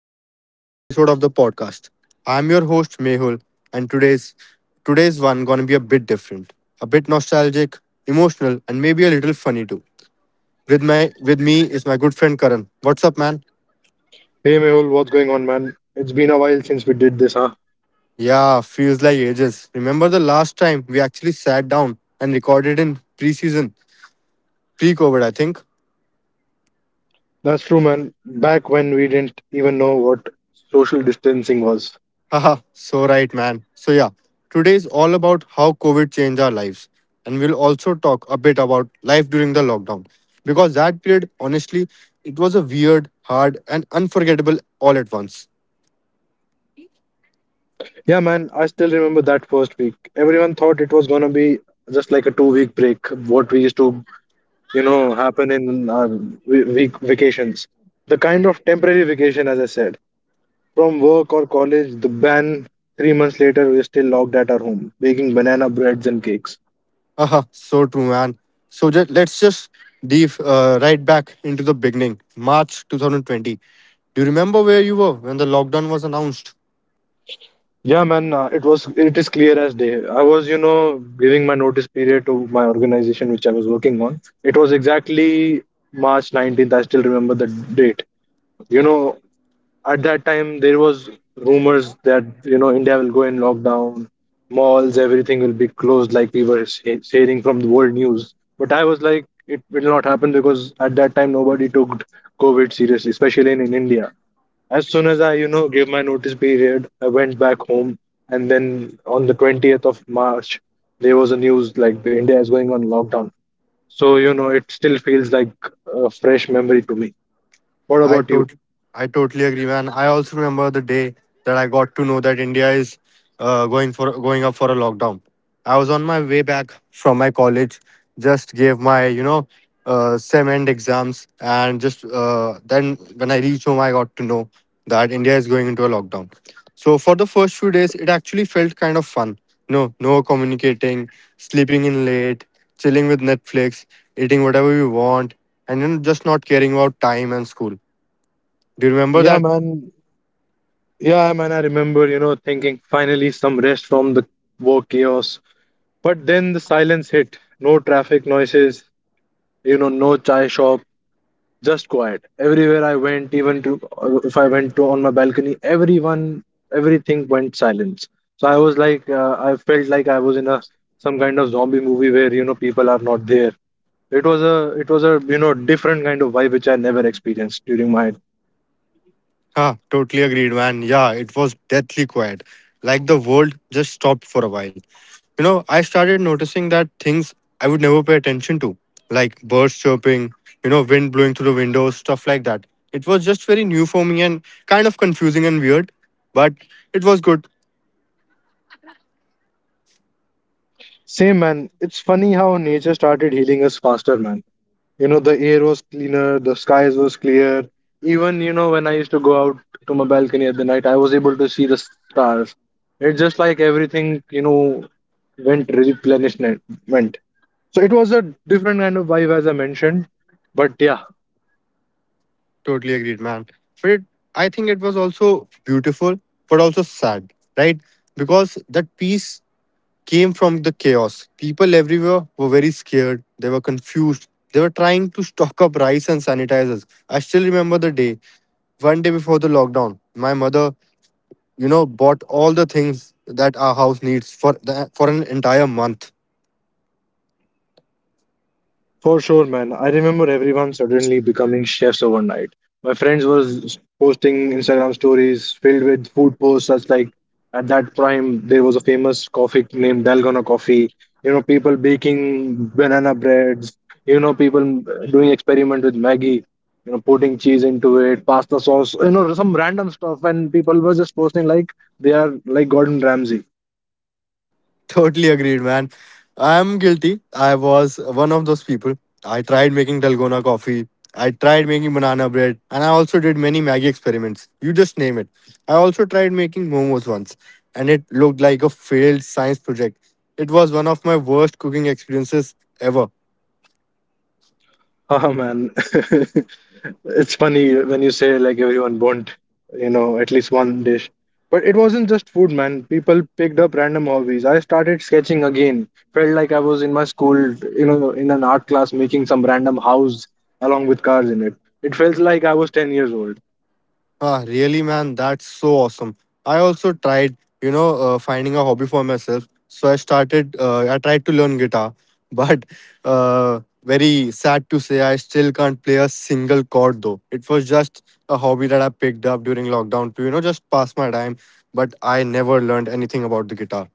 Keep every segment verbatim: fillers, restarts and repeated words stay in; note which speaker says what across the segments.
Speaker 1: back to another episode of the podcast. I'm your host Mehul and today's today's one gonna be a bit different, a bit nostalgic, emotional and maybe a little funny too. With my with me is my good friend Karan. What's up, man?
Speaker 2: Hey Mehul, what's going on, man? It's been a while since we did this, huh?
Speaker 1: Yeah, feels like ages. Remember the last time we actually sat down and recorded in pre-season, pre-COVID I think.
Speaker 2: That's true, man. Back when we didn't even know what social distancing was.
Speaker 1: Haha, so right, man. So, yeah, today is all about how COVID changed our lives. And we'll also talk a bit about life during the lockdown. Because that period, honestly, it was a weird, hard, and unforgettable all at once.
Speaker 2: Yeah, man, I still remember that first week. Everyone thought it was gonna be just like a two week break, what we used to, you know, happen in our we- week vacations. The kind of temporary vacation, as I said, from work or college, the ban three months later, we're still locked at our home, baking banana breads and cakes.
Speaker 1: Haha, so true, man. So, just, let's just dive uh, right back into the beginning, March two thousand twenty. Do you remember where you were when the lockdown was announced?
Speaker 2: Yeah, man, uh, it was it is clear as day. I was, you know, giving my notice period to my organization which I was working on. It was exactly March nineteenth. I still remember the date. You know, at that time there was rumors that, you know, India will go in lockdown, malls, everything will be closed like we were he- hearing from the world news. But I was like it will not happen, because at that time nobody took COVID seriously, especially in, in India. As soon as I, you know, gave my notice period, I went back home. And then on the twentieth of March, there was a news like India is going on lockdown. So, you know, it still feels like a fresh memory to me. What
Speaker 1: I
Speaker 2: about you?
Speaker 1: tot- I totally agree, man. I also remember the day that I got to know that India is uh, going for going up for a lockdown. I was on my way back from my college, just gave my you know uh, sem end exams, and just uh, then when I reached home, I got to know that India is going into a lockdown. So for the first few days, it actually felt kind of fun. No, no communicating, sleeping in late, chilling with Netflix, eating whatever you want, and you know, just not caring about time and school. Do you remember
Speaker 2: Yeah,
Speaker 1: that?
Speaker 2: man. Yeah, man. I remember, you know, thinking finally some rest from the work chaos. But then the silence hit. No traffic noises, you know, no chai shop, just quiet everywhere I went. Even to uh, if I went to on my balcony, everyone everything went silence. So I was like, uh, I felt like I was in a some kind of zombie movie where, you know, people are not there. it was a it was a, you know, different kind of vibe which I never experienced during my...
Speaker 1: Ah, totally agreed, man. Yeah, it was deathly quiet. Like the world just stopped for a while. You know, I started noticing that things I would never pay attention to, like birds chirping, you know, wind blowing through the windows, stuff like that. It was just very new for me and kind of confusing and weird, but it was good.
Speaker 2: Same, man. It's funny how nature started healing us faster, man. You know, the air was cleaner, the skies was clear. Even, you know, when I used to go out to my balcony at the night, I was able to see the stars. It's just like everything, you know, went replenishment. So it was a different kind of vibe, as I mentioned, but yeah.
Speaker 1: Totally agreed, man. But it, I think it was also beautiful, but also sad, right? Because that peace came from the chaos. People everywhere were very scared, they were confused, they were trying to stock up rice and sanitizers. I still remember the day, one day before the lockdown, my mother, you know, bought all the things that our house needs for the, for an entire month.
Speaker 2: For sure, man. I remember everyone suddenly becoming chefs overnight. My friends was posting Instagram stories filled with food posts such like at that time there was a famous coffee named Dalgona coffee. You know, people baking banana breads. You know, people doing experiment with Maggie. You know, putting cheese into it, pasta sauce. You know, some random stuff, and people were just posting like they are like Gordon Ramsay.
Speaker 1: Totally agreed, man. I'm guilty. I was one of those people. I tried making Dalgona coffee. I tried making banana bread. And I also did many Maggie experiments. You just name it. I also tried making momos once. And it looked like a failed science project. It was one of my worst cooking experiences ever.
Speaker 2: Oh man, it's funny when you say like everyone want, you know, at least one dish. But it wasn't just food, man. People picked up random hobbies. I started sketching again. Felt like I was in my school, you know, in an art class making some random house along with cars in it. It felt like I was ten years old.
Speaker 1: Ah, really, man, that's so awesome. I also tried, you know, uh, finding a hobby for myself. So I started, uh, I tried to learn guitar, but uh, very sad to say, I still can't play a single chord though. It was just a hobby that I picked up during lockdown to, you know, just pass my time, but I never learned anything about the guitar.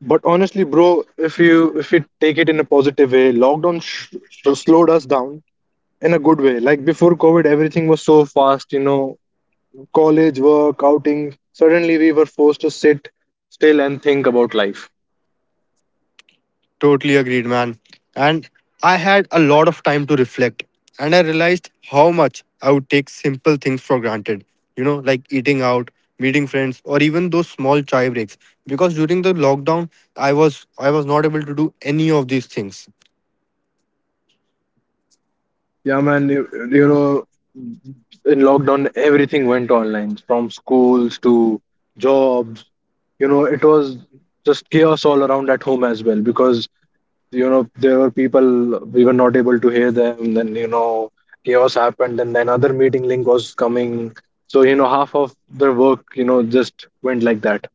Speaker 2: But honestly, bro, if you if you take it in a positive way, lockdown sh- sh- slowed us down in a good way. Like before COVID, everything was so fast, you know, college, work, outings. Suddenly, we were forced to sit still and think about life.
Speaker 1: Totally agreed, man. And I had a lot of time to reflect, and I realized how much I would take simple things for granted, you know, like eating out, meeting friends, or even those small chai breaks. Because during the lockdown, I was I was not able to do any of these things.
Speaker 2: Yeah, man, you, you know, in lockdown, everything went online from schools to jobs. You know, it was just chaos all around at home as well, because, you know, there were people we were not able to hear them. Then, you know, chaos happened, and then another meeting link was coming. So, you know, half of their work, you know, just went like that.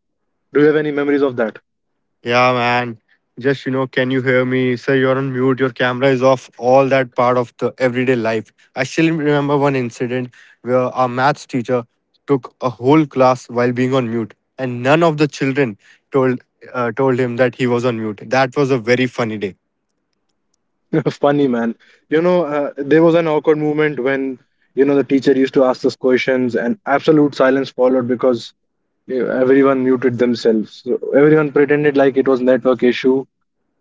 Speaker 2: Do you have any memories of that?
Speaker 1: Yeah, man. Just, you know, can you hear me? Sir, you're on mute. Your camera is off. All that part of the everyday life. I still remember one incident where our maths teacher took a whole class while being on mute, and none of the children told uh, told him that he was on mute. That was a very funny day.
Speaker 2: Funny man. You know, uh, there was an awkward moment when, you know, the teacher used to ask us questions and absolute silence followed, because you know, everyone muted themselves. So everyone pretended like it was network issue.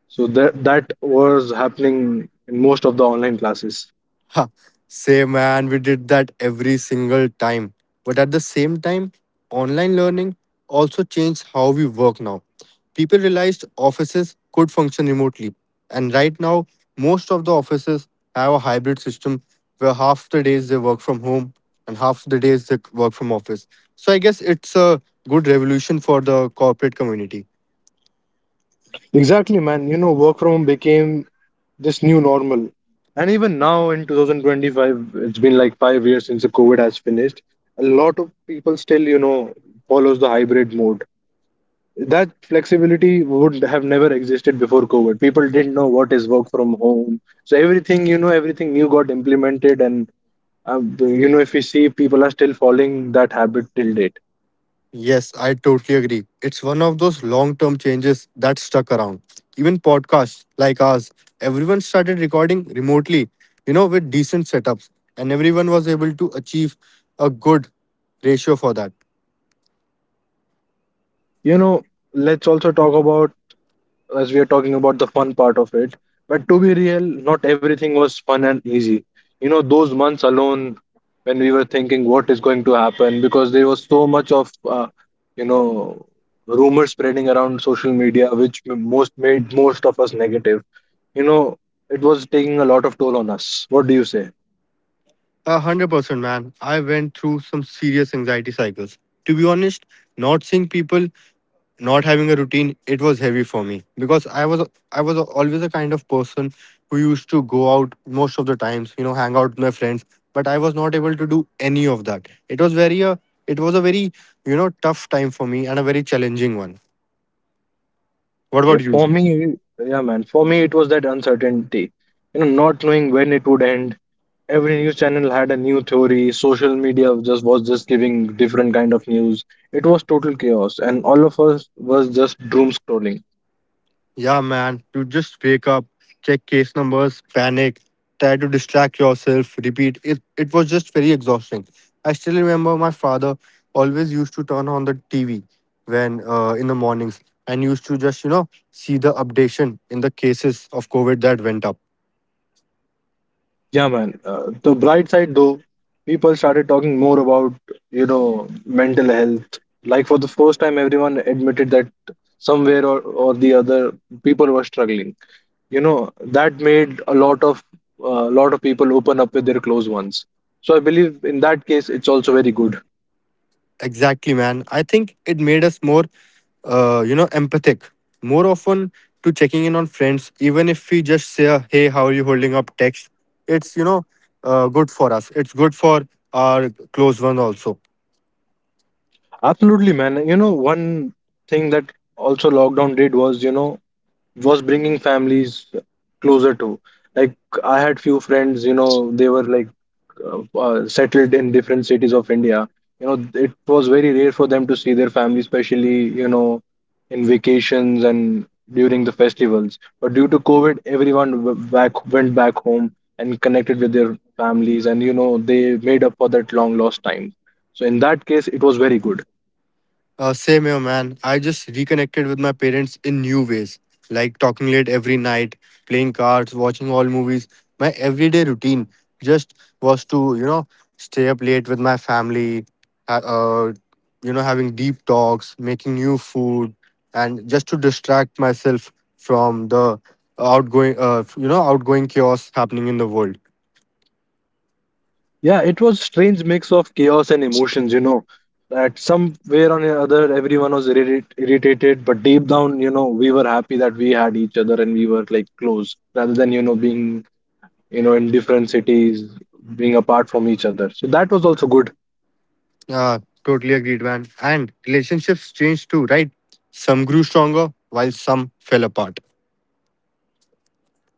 Speaker 2: So that that was happening in most of the online classes.
Speaker 1: Ha, same, man, we did that every single time. But at the same time, online learning also changed how we work now. People realized offices could function remotely. And right now, most of the offices have a hybrid system where half the days they work from home and half the days they work from office. So I guess it's a good revolution for the corporate community.
Speaker 2: Exactly, man. You know, work from home became this new normal. And even now in twenty twenty-five, it's been like five years since the COVID has finished. A lot of people still, you know, follows the hybrid mode. That flexibility would have never existed before COVID. People didn't know what is work from home, so everything, you know, everything new got implemented. And uh, you know, if we see, people are still following that habit till date.
Speaker 1: Yes, I totally agree. It's one of those long term changes that stuck around. Even podcasts like ours, everyone started recording remotely, you know, with decent setups, and everyone was able to achieve a good ratio for that.
Speaker 2: You know, let's also talk about, as we are talking about the fun part of it. But to be real, not everything was fun and easy. You know, those months alone when we were thinking what is going to happen, because there was so much of, uh, you know, rumor spreading around social media, which m- most made most of us negative. You know, it was taking a lot of toll on us. What do you say?
Speaker 1: A hundred percent, man. I went through some serious anxiety cycles. To be honest, not seeing people, not having a routine, it was heavy for me because i was i was always a kind of person who used to go out most of the times, you know, hang out with my friends, but I was not able to do any of that. It was very uh, it was a very, you know, tough time for me and a very challenging one. What
Speaker 2: Yeah,
Speaker 1: about you?
Speaker 2: for me, yeah, man, for me, it was that uncertainty. You know, not knowing when it would end, every news channel had a new theory. Social media just was just giving different kind of news. It was total chaos and all of us was just doom scrolling.
Speaker 1: Yeah, man, you just wake up, check case numbers, panic, try to distract yourself, repeat. It, it was just very exhausting. I still remember my father always used to turn on the T V when uh, in the mornings and used to just, you know, see the updation in the cases of COVID that went up.
Speaker 2: Yeah, man, uh, the bright side though, people started talking more about, you know, mental health. Like for the first time everyone admitted that somewhere or, or the other, people were struggling. You know, that made a lot of a lot of people open up with their close ones. So I believe in that case it's also very good.
Speaker 1: Exactly, man. I think it made us more uh, you know, empathic more often to checking in on friends, even if we just say, hey, how are you holding up text? It's, you know, uh, good for us. It's good for our close ones also.
Speaker 2: Absolutely, man. You know, one thing that also lockdown did was, you know, was bringing families closer to. Like, I had few friends, you know, they were like uh, uh, settled in different cities of India. You know, it was very rare for them to see their family, especially, you know, in vacations and during the festivals. But due to COVID, everyone w- back went back home and connected with their families, and you know, they made up for that long lost time. So in that case, it was very good.
Speaker 1: Uh, same here, man. I just reconnected with my parents in new ways, like talking late every night, playing cards, watching all movies. My everyday routine just was to, you know, stay up late with my family, ha- uh, you know, having deep talks, making new food, and just to distract myself from the outgoing, uh, you know, outgoing chaos happening in the world.
Speaker 2: Yeah, it was strange mix of chaos and emotions, you know. That somewhere or the other, everyone was irri- irritated, but deep down, you know, we were happy that we had each other and we were like close rather than, you know, being, you know, in different cities, being apart from each other. So that was also good.
Speaker 1: Uh, totally agreed, man. And relationships changed too, right? Some grew stronger, while some fell apart.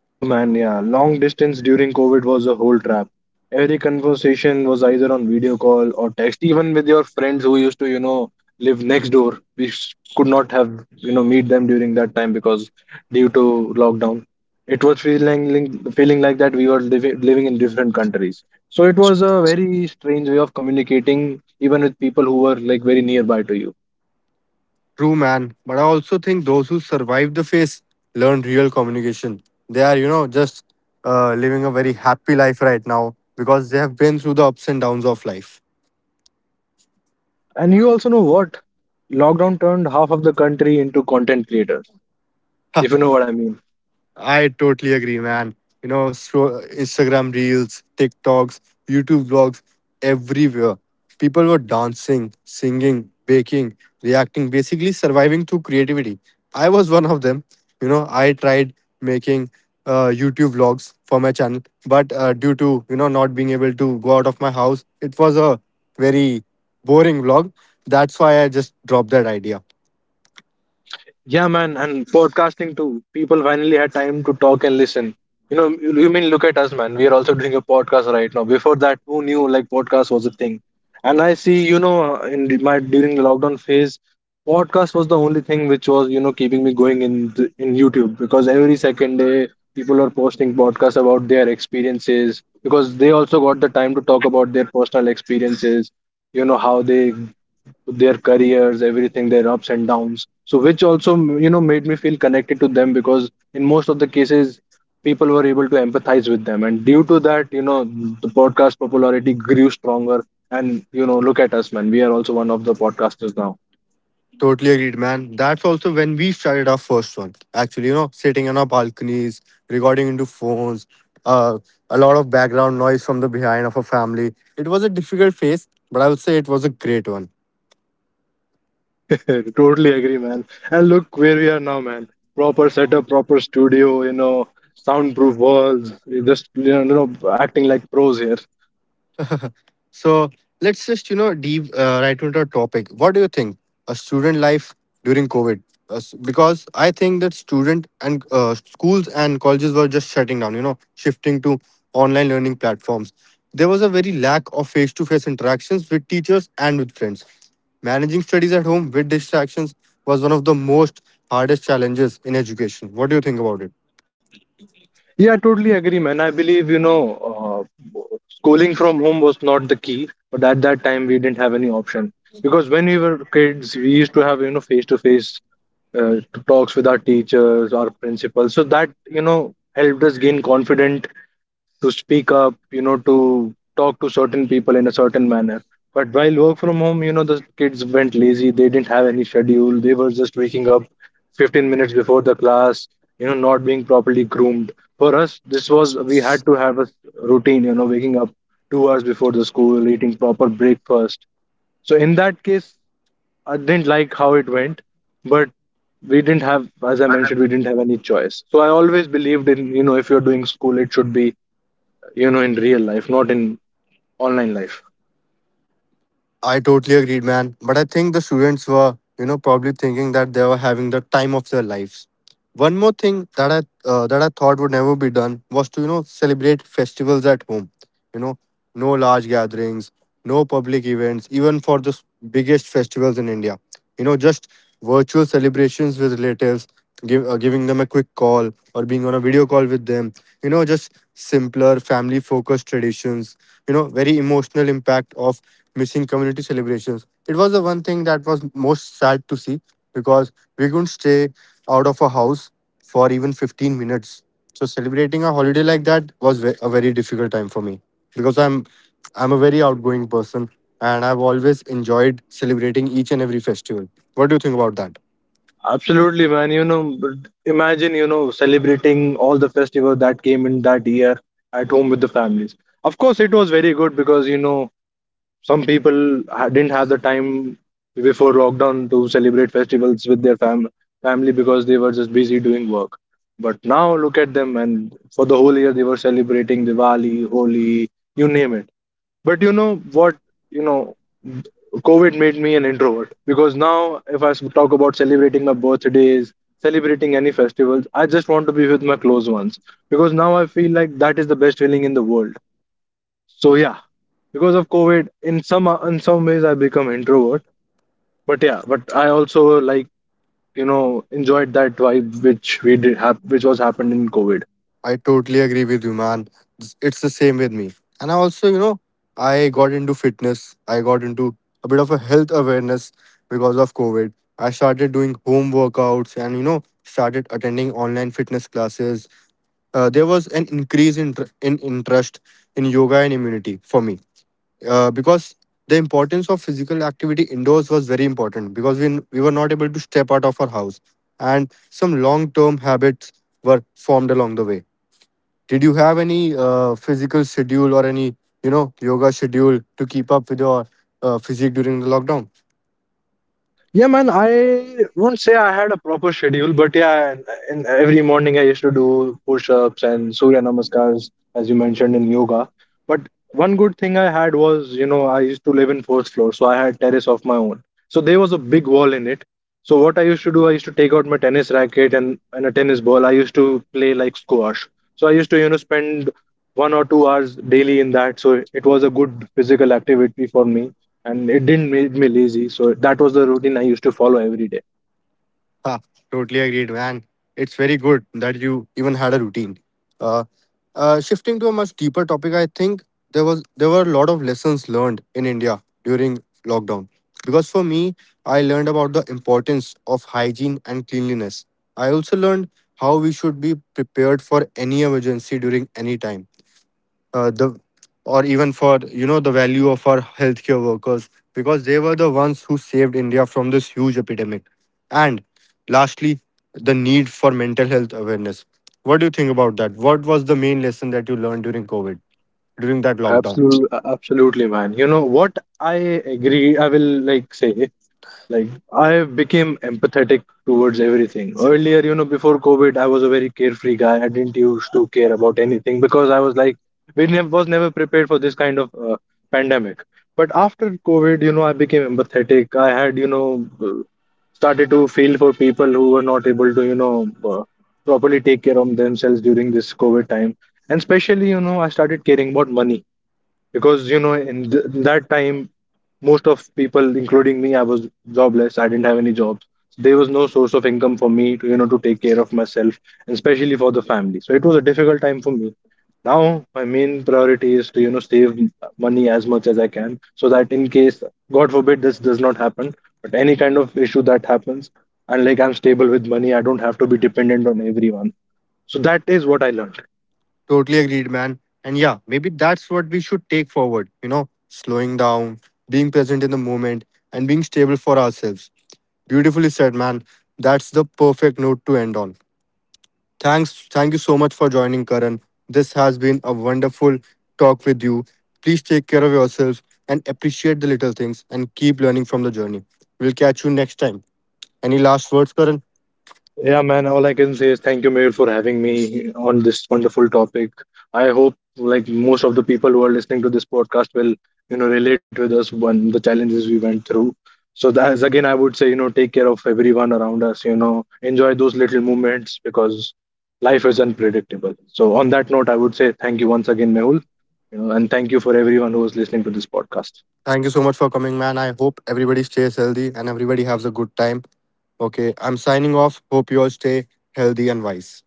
Speaker 2: Oh man, yeah. Long distance during COVID was a whole trap. Every conversation was either on video call or text. Even with your friends who used to, you know, live next door, we s- could not have, you know, meet them during that time, because due to lockdown, it was feeling link- feeling like that we were living living in different countries. So it was a very strange way of communicating, even with people who were like very nearby to you.
Speaker 1: True, man. But I also think those who survive the phase learn real communication. They are, you know, just uh, living a very happy life right now because they have been through the ups and downs of life.
Speaker 2: And you also know what? Lockdown turned half of the country into content creators, if you know what I mean.
Speaker 1: I totally agree, man. You know, so Instagram reels, TikToks, YouTube vlogs, everywhere. People were dancing, singing, baking, reacting, basically surviving through creativity. I was one of them. You know, I tried making uh, YouTube vlogs for my channel, but uh, due to, you know, not being able to go out of my house, it was a very boring vlog. That's why I just dropped that idea.
Speaker 2: Yeah, man, and podcasting too. People finally had time to talk and listen. You know, you you mean look at us, man. We are also doing a podcast right now. Before that, who knew like podcast was a thing? And I see, you know, uh, in the- my during the lockdown phase, podcast was the only thing which was, you know, keeping me going in the, in YouTube, because every second day people are posting podcasts about their experiences, because they also got the time to talk about their personal experiences. You know how they, their careers, everything, their ups and downs, so which also, you know, made me feel connected to them, because in most of the cases people were able to empathize with them, and due to that, you know, the podcast popularity grew stronger. And you know, look at us man, we are also one of the podcasters now.
Speaker 1: Totally agreed, man. That's also when we started our first one. Actually, you know, sitting on our balconies, recording into phones, uh, a lot of background noise from the behind of a family. It was a difficult phase, but I would say it was a great one.
Speaker 2: Totally agree man. And look where we are now, man. Proper setup, proper studio, you know, soundproof walls. We just, you know, acting like pros here.
Speaker 1: So let's just, you know, deep uh, right into our topic. What do you think? A student life during COVID? Uh, s- because I think that student and uh, schools and colleges were just shutting down, you know, shifting to online learning platforms. There was a very lack of face to face interactions with teachers and with friends. Managing studies at home with distractions was one of the most hardest challenges in education. What do you think about it?
Speaker 2: Yeah, I totally agree, man. I believe, you know, uh, schooling from home was not the key, but at that time we didn't have any option, because when we were kids, we used to have, you know, face to face talks with our teachers, our principals. So that, you know, helped us gain confidence to speak up, you know, to talk to certain people in a certain manner. But while work from home, you know, the kids went lazy. They didn't have any schedule. They were just waking up fifteen minutes before the class, you know, not being properly groomed. For us, this was, we had to have a routine, you know, waking up two hours before the school, eating proper breakfast. So in that case, I didn't like how it went, but we didn't have, as I mentioned, we didn't have any choice. So I always believed in, you know, if you're doing school, it should be you know in real life, not in online life.
Speaker 1: I totally agreed, man. But I think the students were, you know, probably thinking that they were having the time of their lives. One more thing that I uh, that I thought would never be done was to, you know, celebrate festivals at home. You know, no large gatherings, no public events, even for the s- biggest festivals in India. You know, just virtual celebrations with relatives, give, uh, giving them a quick call or being on a video call with them. You know, just simpler family-focused traditions. You know, very emotional impact of missing community celebrations. It was the one thing that was most sad to see because we couldn't stay out of a house for even fifteen minutes. So celebrating a holiday like that was ve- a very difficult time for me because I'm I'm a very outgoing person and I've always enjoyed celebrating each and every festival. What do you think about that?
Speaker 2: Absolutely, man. You know but imagine you know celebrating all the festival that came in that year at home with the families. Of course it was very good because you know some people ha- didn't have the time before lockdown to celebrate festivals with their fam- family because they were just busy doing work. But now look at them, and for the whole year they were celebrating Diwali, Holi, you name it. But you know what? You know, COVID made me an introvert, because now, if I s- talk about celebrating my birthdays, celebrating any festivals, I just want to be with my close ones because now I feel like that is the best feeling in the world. So yeah, because of COVID, in some in some ways I become introvert. But yeah, but I also like you know enjoyed that vibe which we did have, which was happened in COVID.
Speaker 1: I totally agree with you, man. It's it's the same with me. And I also, you know, I got into fitness. I got into a bit of a health awareness because of COVID. I started doing home workouts and, you know, started attending online fitness classes. Uh, there was an increase in, tr- in interest in yoga and immunity for me uh, because the importance of physical activity indoors was very important because we, we were not able to step out of our house. And some long term habits were formed along the way. Did you have any uh, physical schedule or any, you know, yoga schedule to keep up with your uh, physique during the lockdown?
Speaker 2: Yeah, man, I won't say I had a proper schedule, but yeah, in every morning I used to do push-ups and Surya Namaskars, as you mentioned in yoga. But one good thing I had was, you know, I used to live in fourth floor, so I had terrace of my own. So there was a big wall in it. So what I used to do, I used to take out my tennis racket and, and a tennis ball. I used to play like squash. So I used to, you know, spend one or two hours daily in that. So it was a good physical activity for me, and it didn't make me lazy. So that was the routine I used to follow every day.
Speaker 1: Ha, totally agreed, man. It's very good that you even had a routine. Uh, uh, Shifting to a much deeper topic, I think there was there were a lot of lessons learned in India during lockdown. Because for me, I learned about the importance of hygiene and cleanliness. I also learned how we should be prepared for any emergency during any time uh, the or even for, you know, the value of our healthcare workers because they were the ones who saved India from this huge epidemic. And lastly, the need for mental health awareness. What do you think about that? What was the main lesson that you learned during COVID, during that lockdown?
Speaker 2: Absolutely, absolutely, man. You know what? I agree. I will like say, like, I became empathetic towards everything. Earlier, you know, before COVID, I was a very carefree guy. I didn't used to care about anything because I was like, we never was never prepared for this kind of uh, pandemic. But after COVID, you know, I became empathetic. I had, you know, uh, started to feel for people who were not able to, you know, uh, properly take care of themselves during this COVID time. And especially, you know, I started caring about money because you know in th- that time most of people including me, I was jobless, I didn't have any jobs. So there was no source of income for me to, you know to take care of myself and especially for the family, so it was a difficult time for me. Now my main priority is to, you know save money as much as I can, so that in case, god forbid, this does not happen, but any kind of issue that happens, and like I'm stable with money, I don't have to be dependent on everyone. So that is what I learned.
Speaker 1: Totally agreed, man. And yeah, maybe that's what we should take forward, you know, slowing down, being present in the moment, and being stable for ourselves. Beautifully said, man. That's the perfect note to end on. Thanks. Thank you so much for joining, Karan. This has been a wonderful talk with you. Please take care of yourselves and appreciate the little things and keep learning from the journey. We'll catch you next time. Any last words, Karan?
Speaker 2: Yeah, man, all I can say is thank you, Mehul, for having me on this wonderful topic. I hope like most of the people who are listening to this podcast will, you know, relate with us when the challenges we went through. So that's again, I would say, you know, take care of everyone around us, you know, enjoy those little moments because life is unpredictable. So on that note, I would say thank you once again, Mehul, you know, and thank you for everyone who is listening to this podcast.
Speaker 1: Thank you so much for coming, man. I hope everybody stays healthy and everybody has a good time. Okay, I'm signing off. Hope you all stay healthy and wise.